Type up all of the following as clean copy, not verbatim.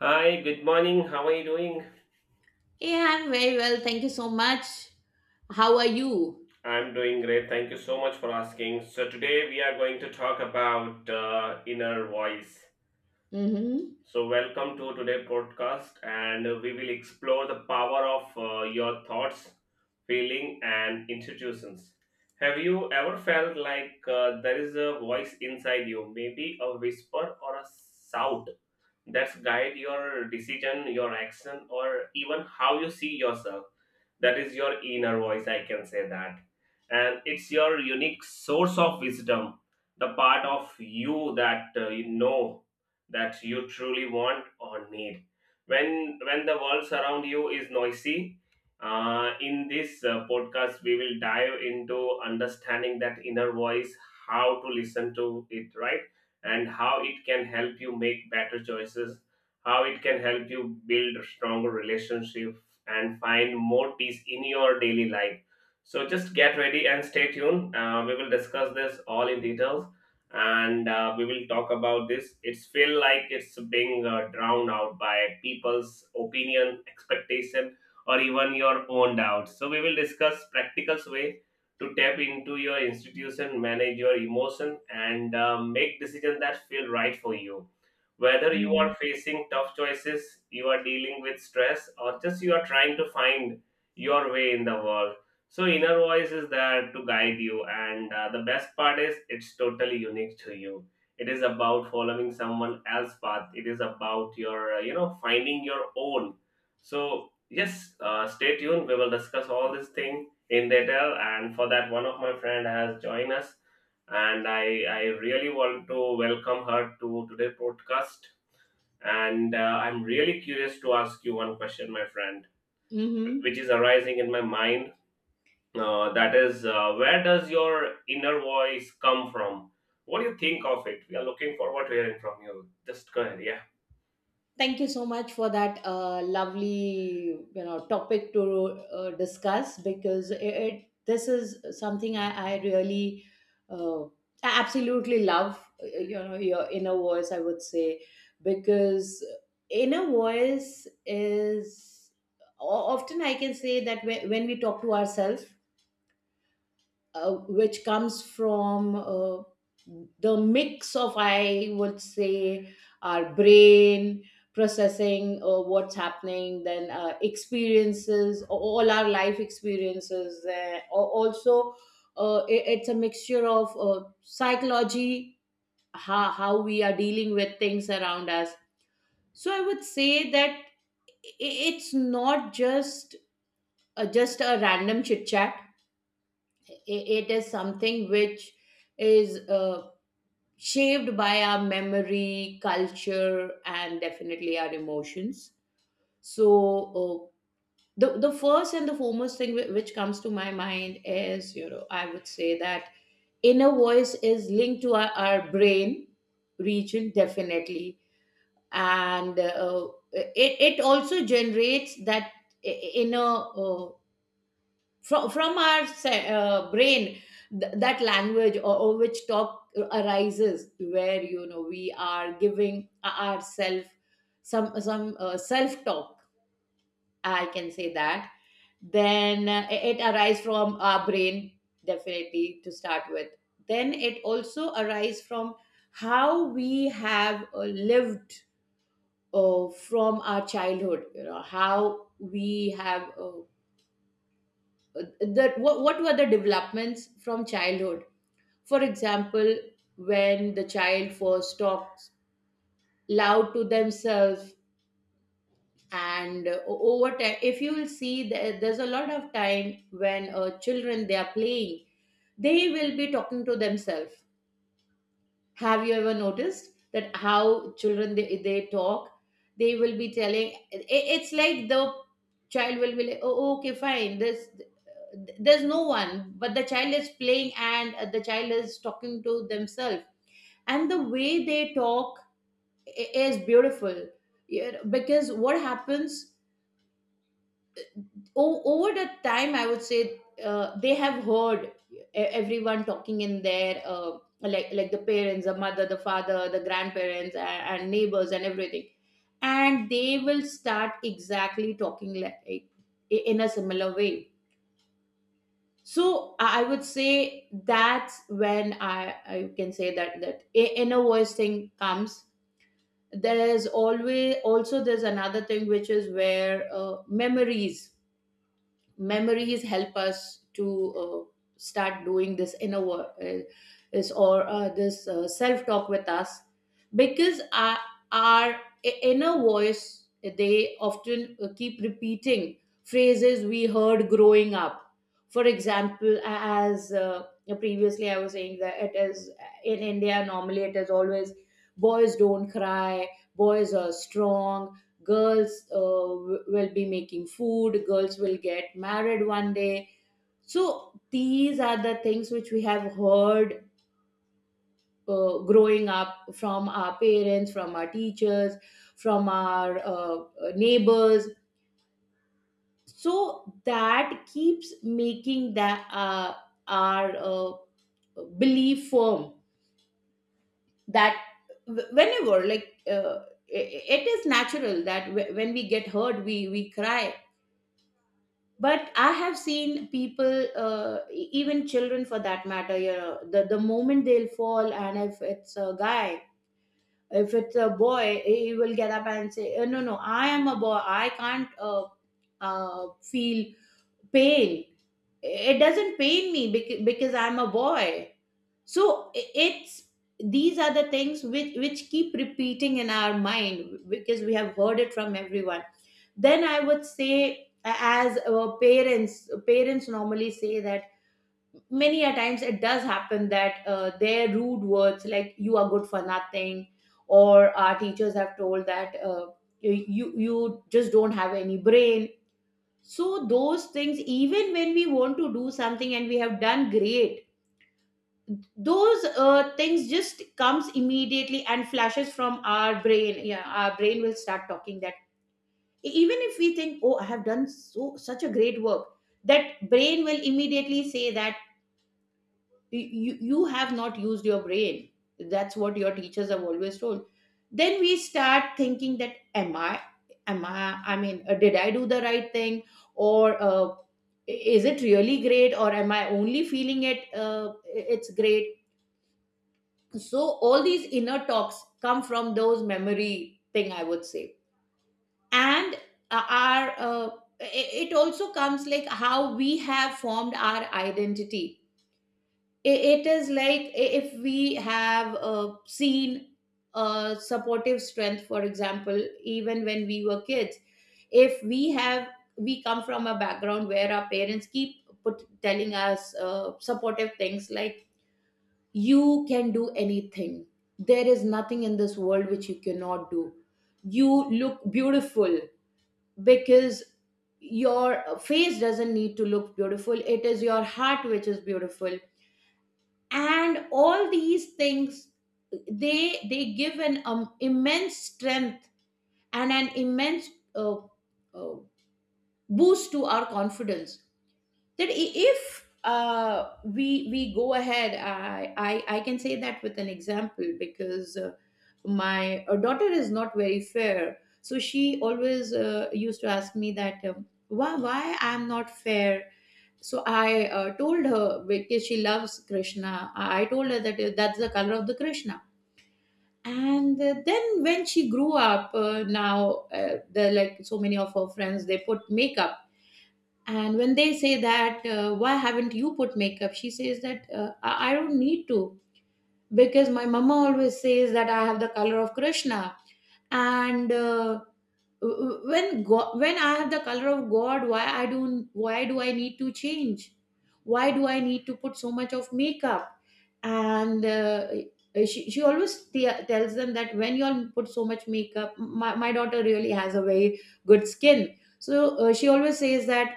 Hi, good morning. How are you doing? Yeah, I'm very well. Thank you so much. How are you? I'm doing great. Thank you so much for asking. So, today we are going to talk about inner voice. Mm-hmm. So, welcome to today's podcast, and we will explore the power of your thoughts, feeling, and institutions. Have you ever felt like there is a voice inside you, maybe a whisper or a shout? That's guide your decision, your action, or even how you see yourself. That is your inner voice, I can say that, and it's your unique source of wisdom, the part of you that that you truly want or need when the world around you is noisy. In this podcast we will dive into understanding that inner voice, how to listen to it, right, and how it can help you make better choices, how it can help you build a stronger relationship and find more peace in your daily life. So just get ready and stay tuned. We will discuss this all in details, and we will talk about this. It's feel like it's being drowned out by people's opinion, expectation, or even your own doubts. So we will discuss practical way to tap into your institution, manage your emotion, and make decisions that feel right for you. Whether you are facing tough choices, you are dealing with stress, or just you are trying to find your way in the world. So, inner voice is there to guide you, and the best part is it's totally unique to you. It is about following someone else's path. It is about your, finding your own. So, yes, stay tuned. We will discuss all these things in detail, and for that one of my friend has joined us, and I really want to welcome her to today podcast. And I'm really curious to ask you one question, my friend, Mm-hmm. which is arising in my mind, that is where does your inner voice come from? What do you think of it? We are looking forward to hearing from you. Just go ahead. Yeah. Thank you so much for that lovely, topic to discuss, because it this is something I really, I absolutely love. You know, your inner voice, I would say, because inner voice is often I can say that, when we talk to ourselves, which comes from the mix of, I would say, our brain processing what's happening, then experiences, all our life experiences. Also, it's a mixture of psychology, how we are dealing with things around us. So I would say that it's not just just a random chit chat. It is something which is shaped by our memory, culture, and definitely our emotions. So, uh, the first and the foremost thing which comes to my mind is, I would say that, inner voice is linked to our brain region, definitely. And it also generates that I- inner from our brain, that language, or which talk arises, where, you know, we are giving ourselves some self talk, I can say that. Then it arises from our brain, definitely, to start with. Then it also arises from how we have lived, from our childhood, you know, how we have, that, what were the developments from childhood. For example, when the child first talks loud to themselves, and over time, if you will see, there's a lot of time when children, they are playing, they will be talking to themselves. Have you ever noticed that, how children, they talk? They will be telling, it's like, the child will be like, oh, okay, fine, this, there's no one, but the child is playing, and the child is talking to themselves, and the way they talk is beautiful. You, because what happens, over the time, I would say, they have heard everyone talking in their, like the parents, the mother, the father, the grandparents, and neighbors, and everything, and they will start exactly talking like in a similar way. So, I would say, that's when I can say that, that inner voice thing comes. There is always, also, there's another thing, which is where, uh, memories, memories help us to uh, start doing this inner work, this, or this, self talk with us. Because our inner voice, they often keep repeating phrases we heard growing up. For example, as previously I was saying, that it is, in India, normally it is always, boys don't cry, boys are strong, girls will be making food, girls will get married one day. So these are the things which we have heard, growing up, from our parents, from our teachers, from our neighbors. So that keeps making that, our, belief firm. That, whenever, like, it is natural that, when we get hurt, we cry. But I have seen people, even children for that matter, you know, the moment they'll fall, and if it's a guy, if it's a boy, he will get up and say, No, I am a boy, I can't, feel pain, it doesn't pain me, because I'm a boy." So, I- it's these are the things which keep repeating in our mind, because we have heard it from everyone. Then I would say, as, parents normally say that, many a times it does happen that, their rude words, like, you are good for nothing, or our teachers have told that, you you just don't have any brain. So those things, even when we want to do something and we have done great, those things just comes immediately and flashes from our brain. Yeah, our brain will start talking that, even if we think, oh, I have done so such a great work, that brain will immediately say that, you have not used your brain, that's what your teachers have always told. Then we start thinking that, am I, I mean, did I do the right thing, or is it really great, or am I only feeling it, it's great. So all these inner talks come from those memory thing, I would say. And our, it also comes, like, how we have formed our identity. It is like, if we have seen supportive strength, for example, even when we were kids, if we have we come from a background where our parents keep, telling us supportive things, like, you can do anything, there is nothing in this world which you cannot do, you look beautiful, because your face doesn't need to look beautiful, it is your heart which is beautiful. And all these things, they give an immense strength, and an immense, uh, uh, boost to our confidence, that, I- if we go ahead. I can say that with an example, because my, daughter is not very fair, so she always used to ask me that, why I'm not fair. So I, told her, because she loves Krishna. I told her that, that's the color of the Krishna. And then when she grew up, now, the like, so many of her friends, they put makeup, and when they say that, why haven't you put makeup, she says that, I don't need to, because my mama always says that I have the color of Krishna. And when I have the color of god, why I don't why do I need to change, why do I need to put so much of makeup? And she always tells them that, when you all put so much makeup, my daughter really has a very good skin. So she always says that,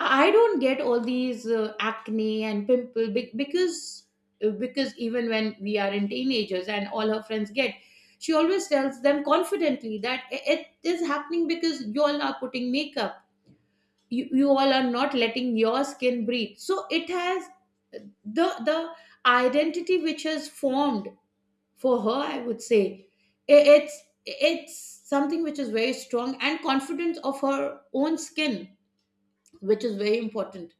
I don't get all these acne and pimple, because even when we are in teenagers and all her friends get, she always tells them confidently that it is happening because you all are putting makeup. You all are not letting your skin breathe. So it has the identity which has formed for her. I would say it's something which is very strong, and confidence of her own skin, which is very important.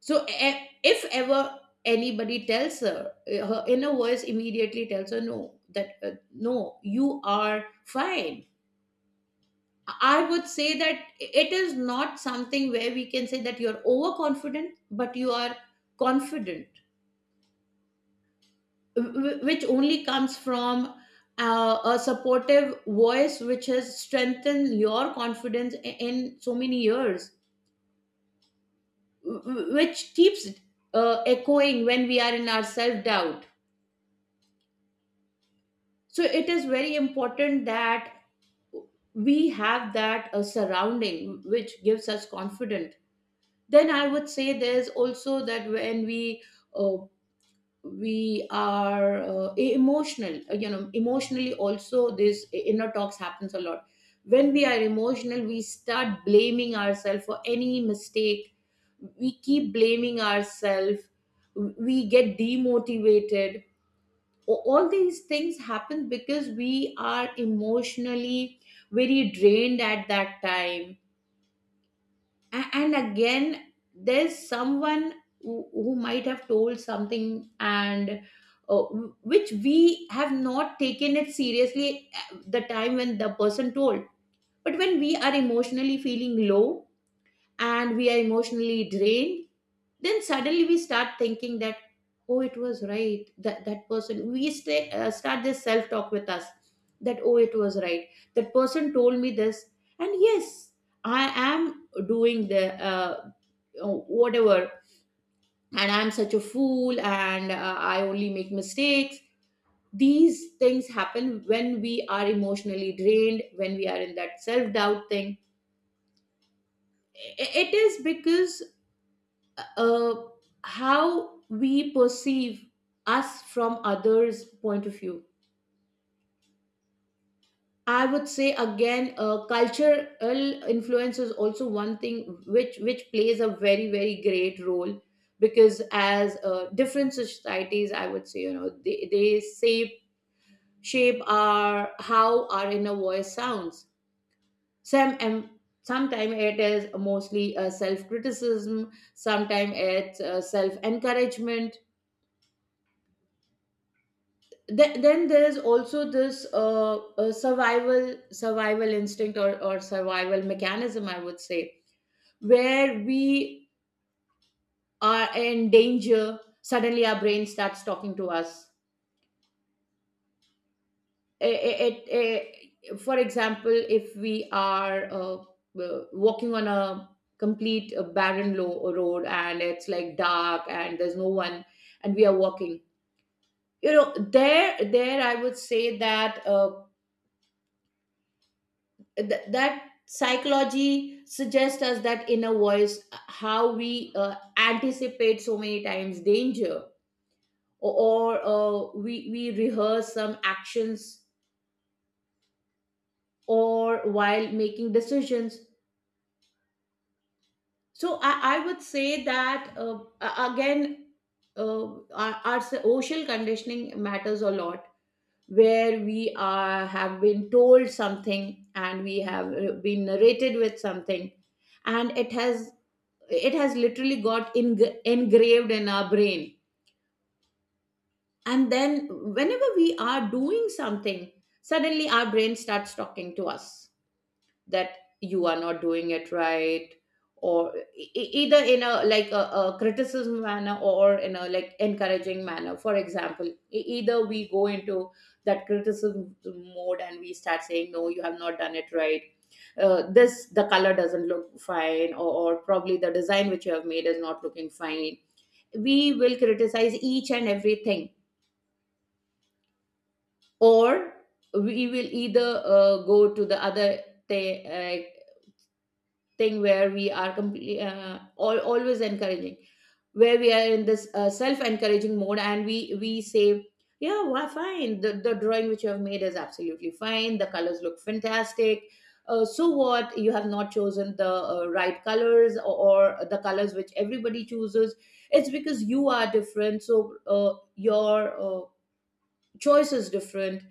So, if ever anybody tells her, her inner voice immediately tells her, no, that, no, you are fine. I would say that it is not something where we can say that you're overconfident, but you are confident, which only comes from a supportive voice which has strengthened your confidence in so many years, which keeps echoing when we are in our self doubt. So it is very important that we have that surrounding which gives us confidence. Then I would say, there's also that, when we uh, are, emotional, emotionally also, this inner talks happens a lot. When we are emotional, we start blaming ourselves for any mistake, we keep blaming ourselves, we get demotivated, all these things happen because we are emotionally very drained at that time. And again, there's someone who might have told something, and uh, which we have not taken it seriously at the time when the person told, but when we are emotionally feeling low, and we are emotionally drained, then suddenly we start thinking that, oh, it was right that, that person, we start this self talk with us that, oh, it was right, that person told me this, and yes, I am doing the, uh, oh, whatever, and I'm such a fool, and I only make mistakes. These things happen when we are emotionally drained, when we are in that self doubt thing. It is because, uh, how we perceive us from others point of view, I would say. Again, cultural influence is also one thing which plays a very very great role, because as different societies, I would say, you know, they shape our how our inner voice sounds. some um, Sometimes it is mostly self criticism, sometimes it's self encouragement. Then there's also this survival instinct, or survival mechanism, I would say, where we are in danger, suddenly our brain starts talking to us. I- I- for example, if we are walking on a complete Barren low road, and it's like dark and there's no one and we are walking. There I would say that that psychology suggests us that inner voice, how we anticipate so many times danger, we rehearse some actions, or while making decisions. I would say that again, uh, our social conditioning matters a lot, where we are have been told something and we have been narrated with something, and it has literally engraved in our brain. And then whenever we are doing something, suddenly our brain starts talking to us that you are not doing it right, or either in a like a criticism manner or in a like encouraging manner. For example, either we go into that criticism mode and we start saying, no, you have not done it right. This, the color doesn't look fine, or probably the design which you have made is not looking fine. We will criticize each and everything. Or we will either go to the other th- uh, thing where we are completely always encouraging, where we are in this self-encouraging mode and we say, yeah, well, fine, the drawing which you have made is absolutely fine, the colors look fantastic. So what, you have not chosen the right colors, or the colors which everybody chooses. It's because you are different, so your choice is different.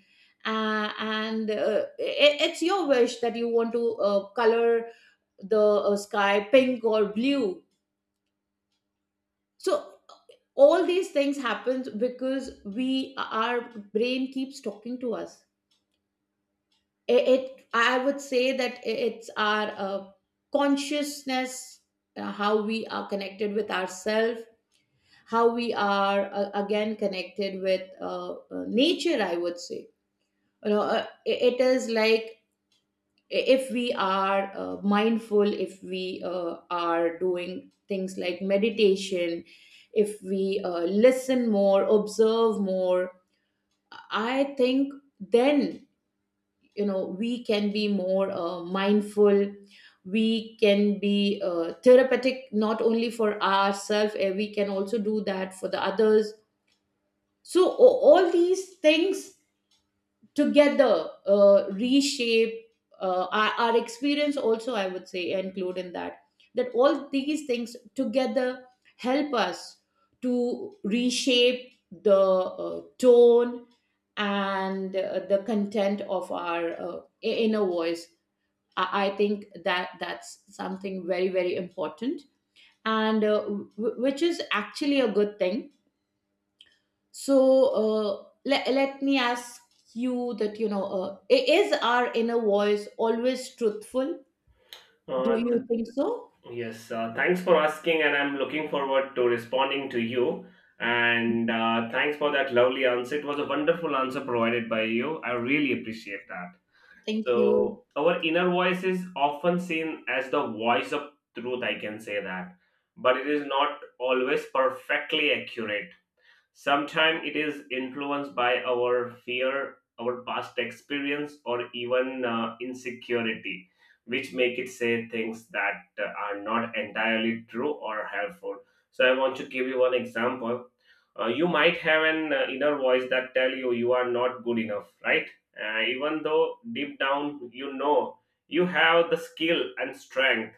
It's your wish that you want to color the sky pink or blue. So all these things happens because we, our brain keeps talking to us. It I would say that it's our consciousness, how we are connected with ourselves, how we are again connected with nature, I would say. you know uh, it is like, if we are mindful, if we are doing things like meditation, if we listen more, observe more, I think, then you know we can be more mindful, we can be therapeutic not only for ourselves, we can also do that for the others. So all these things together reshape our experience also, I would say, include in that, that all these things together help us to reshape the tone and the content of our inner voice. I think that that's something very, very important, and uh, w- which is actually a good thing. So let me ask you that, is our inner voice always truthful? Do uh, you think so? Yes, thanks for asking, and I'm looking forward to responding to you. And thanks for that lovely answer. It was a wonderful answer provided by you. I really appreciate that. Thank you. So, our inner voice is often seen as the voice of truth, I can say that, but it is not always perfectly accurate. Sometimes it is influenced by our fear, our past experience, or even insecurity, which make it say things that are not entirely true or helpful. So I want to give you one example. You might have an inner voice that tell you you are not good enough, right? Even though deep down you know you have the skill and strength,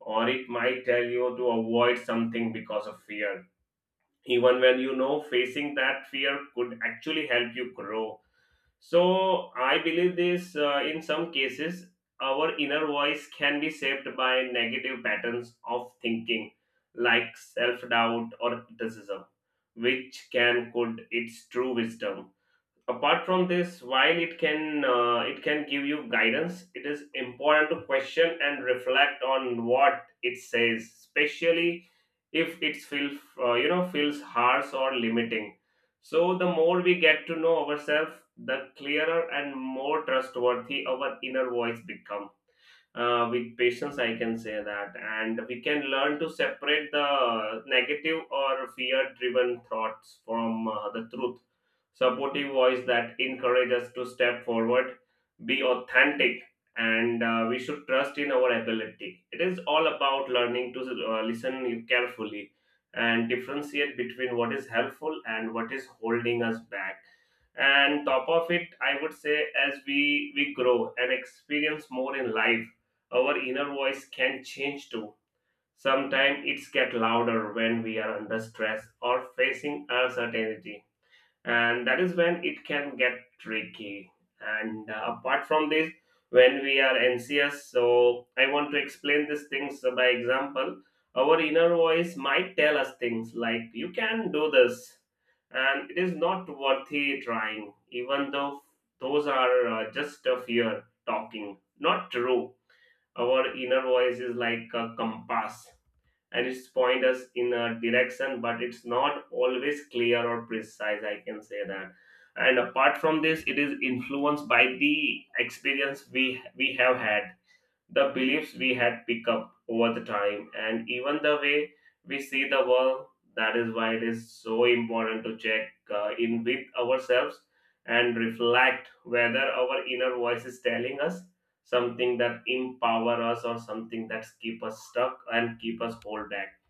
or it might tell you to avoid something because of fear, even when you know facing that fear could actually help you grow. So I believe this, in some cases our inner voice can be shaped by negative patterns of thinking like self doubt or criticism, which can could its true wisdom. Apart from this, while it can give you guidance, it is important to question and reflect on what it says, especially if it feels feels harsh or limiting. So the more we get to know ourselves, the clearer and more trustworthy our inner voice become. With patience, I can say that, and we can learn to separate the negative or fear driven thoughts from the truth, supportive voice that encourages us to step forward, be authentic, and we should trust in our ability. It is all about learning to listen carefully and differentiate between what is helpful and what is holding us back. And top of it, I would say, as we grow and experience more in life, our inner voice can change too. Sometimes it's get louder when we are under stress or facing uncertainty, and that is when it can get tricky. And apart from this, when we are anxious, so I want to explain these things by example. Our inner voice might tell us things like "you can do this," and it is not worthy trying, even though those are just a fear talking, not true. Our inner voice is like a compass, and it's point us in a direction, but it's not always clear or precise. I can say that. And apart from this, it is influenced by the experience we have had, the beliefs we had picked up over the time, and even the way we see the world. That is why it is so important to check in with ourselves and reflect whether our inner voice is telling us something that empower us or something that keep us stuck and keep us hold back.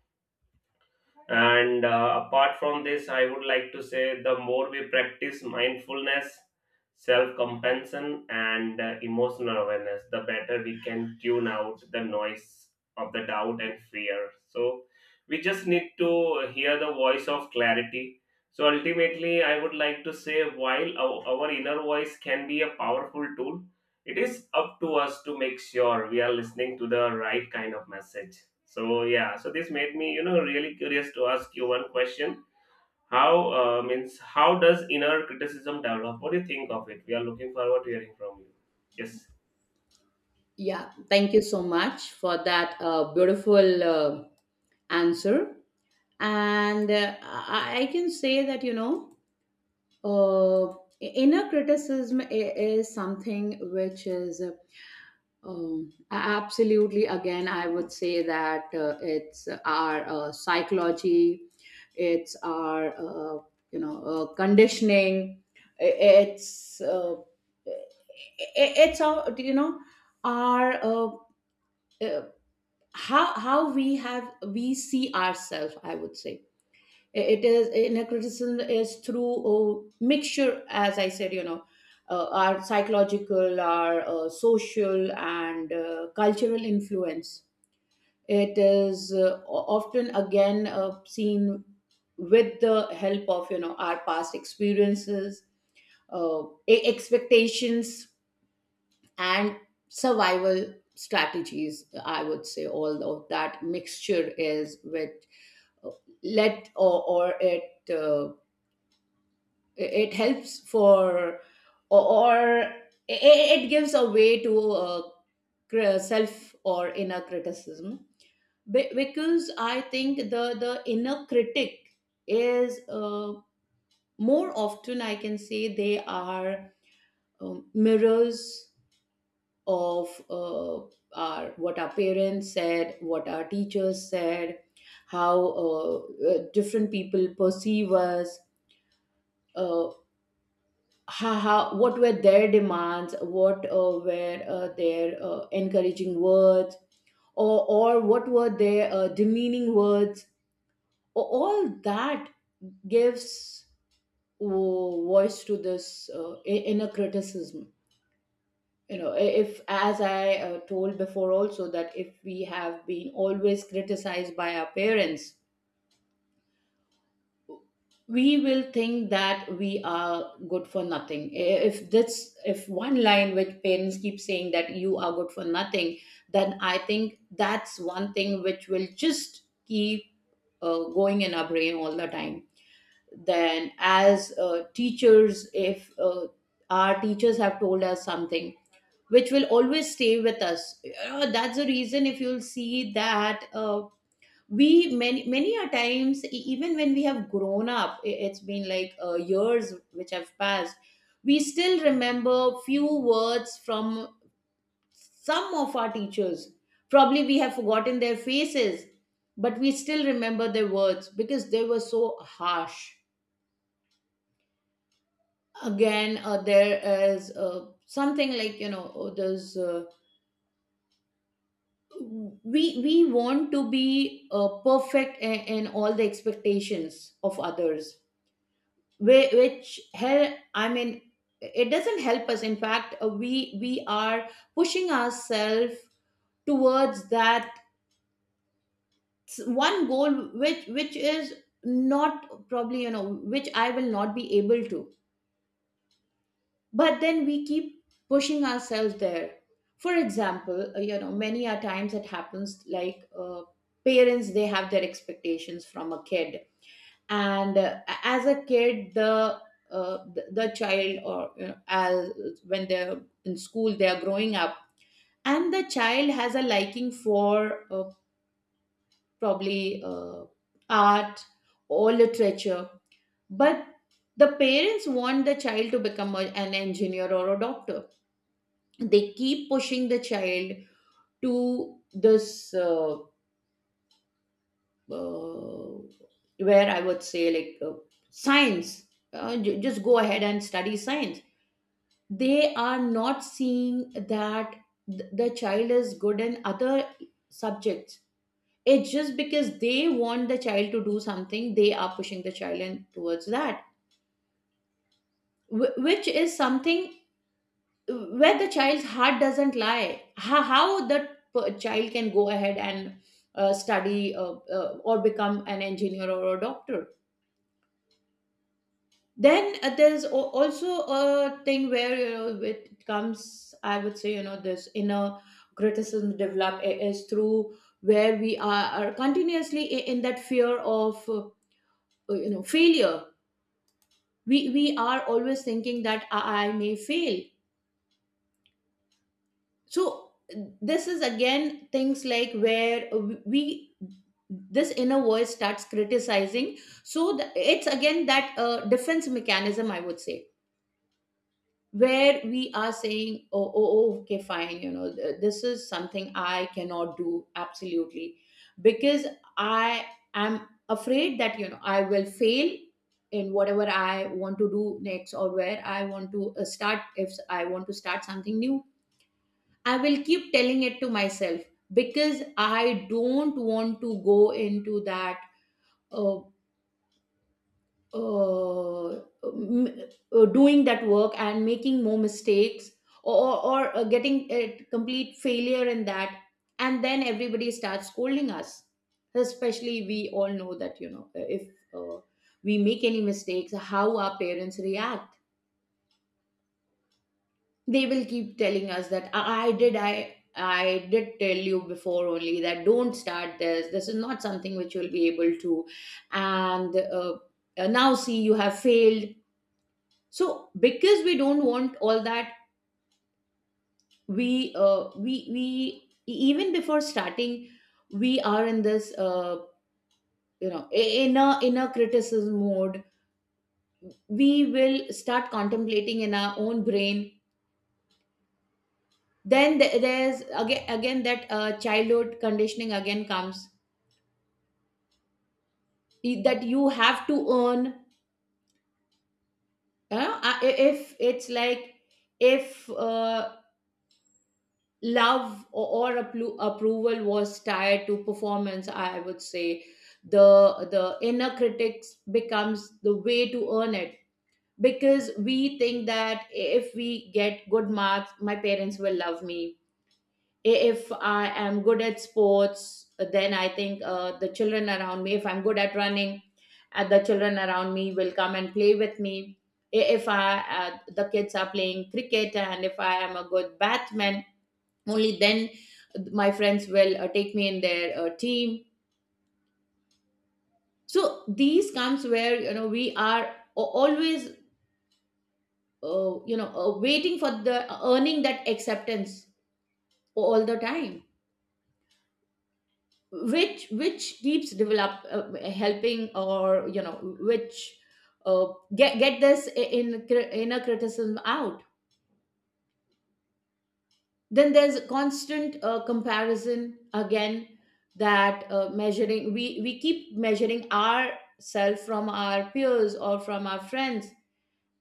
And apart from this, I would like to say the more we practice mindfulness, self compassion, and emotional awareness, the better we can tune out the noise of the doubt and fear. So we just need to hear the voice of clarity. So ultimately, I would like to say, while our inner voice can be a powerful tool, it is up to us to make sure we are listening to the right kind of message. So yeah, so this made me, you know, really curious to ask you one question. How means how does inner criticism develop? What do you think of it? We are looking forward to hearing from you. Yes, Yeah, thank you so much for that beautiful answer. I can say that, you know, uh, inner criticism is something which is Um, a- absolutely. Again, I would say that it's our psychology, it's our conditioning, i- it's uh, i- it's our, you know, our uh, how we have, we see ourselves. I would say it is, inner criticism is through a mixture, as I said, you know, our psychological, our social and cultural influence. It is often again seen with the help of, you know, our past experiences, uh, expectations, and survival strategies, I would say. All of that mixture is which uh, let or it it helps for or it gives a way to self or inner criticism. Because I think the inner critic is more often, I can say they are mirrors of our, what our parents said, what our teachers said, how different people perceive us. Uh, haha What were their demands, what were their encouraging words, or what were their demeaning words. All that gives voice to this inner criticism. You know, if, as I told before also, that if we have been always criticized by our parents, we will think that we are good for nothing. If this, if one line which parents keep saying that you are good for nothing, then I think that's one thing which will just keep going in our brain all the time. Then as teachers, if our teachers have told us something which will always stay with us. That's the reason, if you'll see that we, many, many a times, even when we have grown up, it's been like years which have passed, we still remember few words from some of our teachers. Probably we have forgotten their faces, but we still remember their words because they were so harsh. Again, there is something like, you know, there's we want to be perfect in all the expectations of others, which hel I mean, it doesn't help us. In fact, we are pushing ourselves towards that one goal, which is not probably, you know, which I will not be able to, but then we keep pushing ourselves there. For example, you know, many a times it happens like, parents, they have their expectations from a kid. And as a kid, the the child, or, you know, as, when they're in school, they are growing up, and the child has a liking for probably art or literature. But the parents want the child to become an engineer or a doctor. They keep pushing the child to this uh, where I would say, like, science. Just go ahead and study science. They are not seeing that the child is good in other subjects. It's just because they want the child to do something, they are pushing the child in towards that, which is something where the child's heart doesn't lie. How the child can go ahead and study or become an engineer or a doctor. Then there's also a thing where, you know, it comes, I would say, you know, this inner criticism develop, is through where we are continuously in that fear of you know, failure. We are always thinking that I may fail. So this is again things like where we, this inner voice starts criticizing. So the, it's again that defense mechanism, I would say, where we are saying, oh, okay, fine, you know, this is something I cannot do absolutely, because I am afraid that, you know, I will fail in whatever I want to do next, or where I want to start, if I want to start something new. I will keep telling it to myself, because I don't want to go into that uh, uh, m- doing that work and making more mistakes, or getting a complete failure in that, and then everybody starts scolding us. Especially, we all know that, you know, if uh, we make any mistakes, how our parents react. They will keep telling us that, I did, I did tell you before only that, don't start this, this is not something which you'll be able to. And now see, you have failed. So because we don't want all that, we, even before starting, we are in this you know, in a criticism mode. We will start contemplating in our own brain. Then there's again, again that childhood conditioning again comes, that you have to earn. If it's like, if love, or approval was tied to performance, I would say the inner critics becomes the way to earn it. Because we think that if we get good marks, my parents will love me. If I am good at sports, then I think, the children around me, if I'm good at running, the children around me will come and play with me. If I, the kids are playing cricket and if I am a good batsman, only then my friends will take me in their team. So these comes where, you know, we are always waiting for the earning that acceptance all the time, which keeps develop, helping, or, you know, which uh, get this inner criticism out. Then there's constant comparison again, that measuring, we keep measuring ourselves from our peers or from our friends.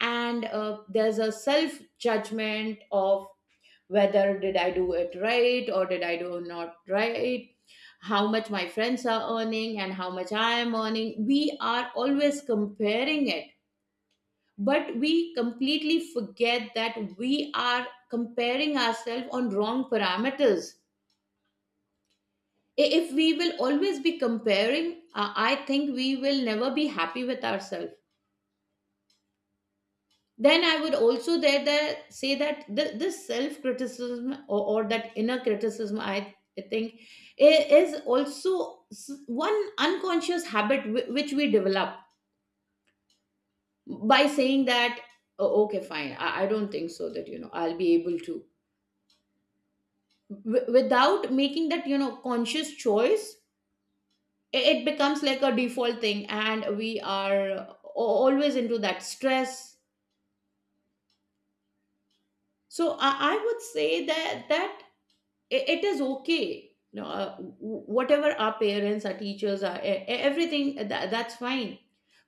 And there's a self judgment of whether did I do it right or did I do not right. How much my friends are earning and how much I am earning, we are always comparing it. But we completely forget that we are comparing ourselves on wrong parameters. If we will always be comparing, I think we will never be happy with ourselves. Then I would also there that say that this self criticism, or that inner criticism, I think is also one unconscious habit, which we develop, by saying that, "Oh, okay, fine, I don't think so that, you know, I'll be able to," without making that, you know, conscious choice. It becomes like a default thing and we are always into that stress. So I would say that it is okay, you know, whatever our parents, our teachers, our everything, that's fine.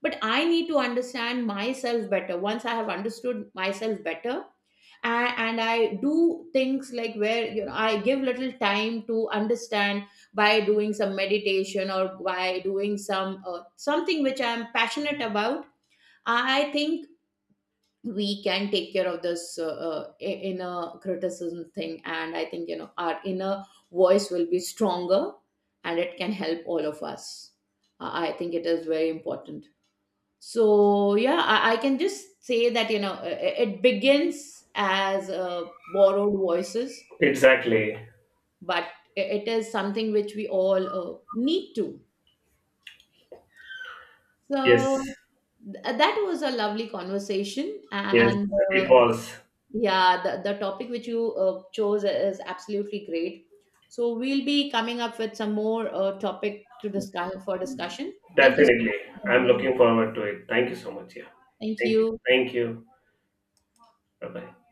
But I need to understand myself better. Once I have understood myself better, and I do things like where, you know, I give little time to understand, by doing some meditation or by doing some something which I'm passionate about, I think we can take care of this inner criticism thing, and I think, you know, our inner voice will be stronger and it can help all of us. I think it is very important. So yeah, I can just say that, you know, it begins as borrowed voices, exactly. but it is something which we all need to. Yes, So that was a lovely conversation. yes, And it was Yeah, the topic which you chose is absolutely great. So we'll be coming up with some more topic to discuss for discussion. Thank you so much definitely. for I'm joining. looking forward to it. Thank you so much. Yeah, Thank thank you. you. Thank you. Bye bye.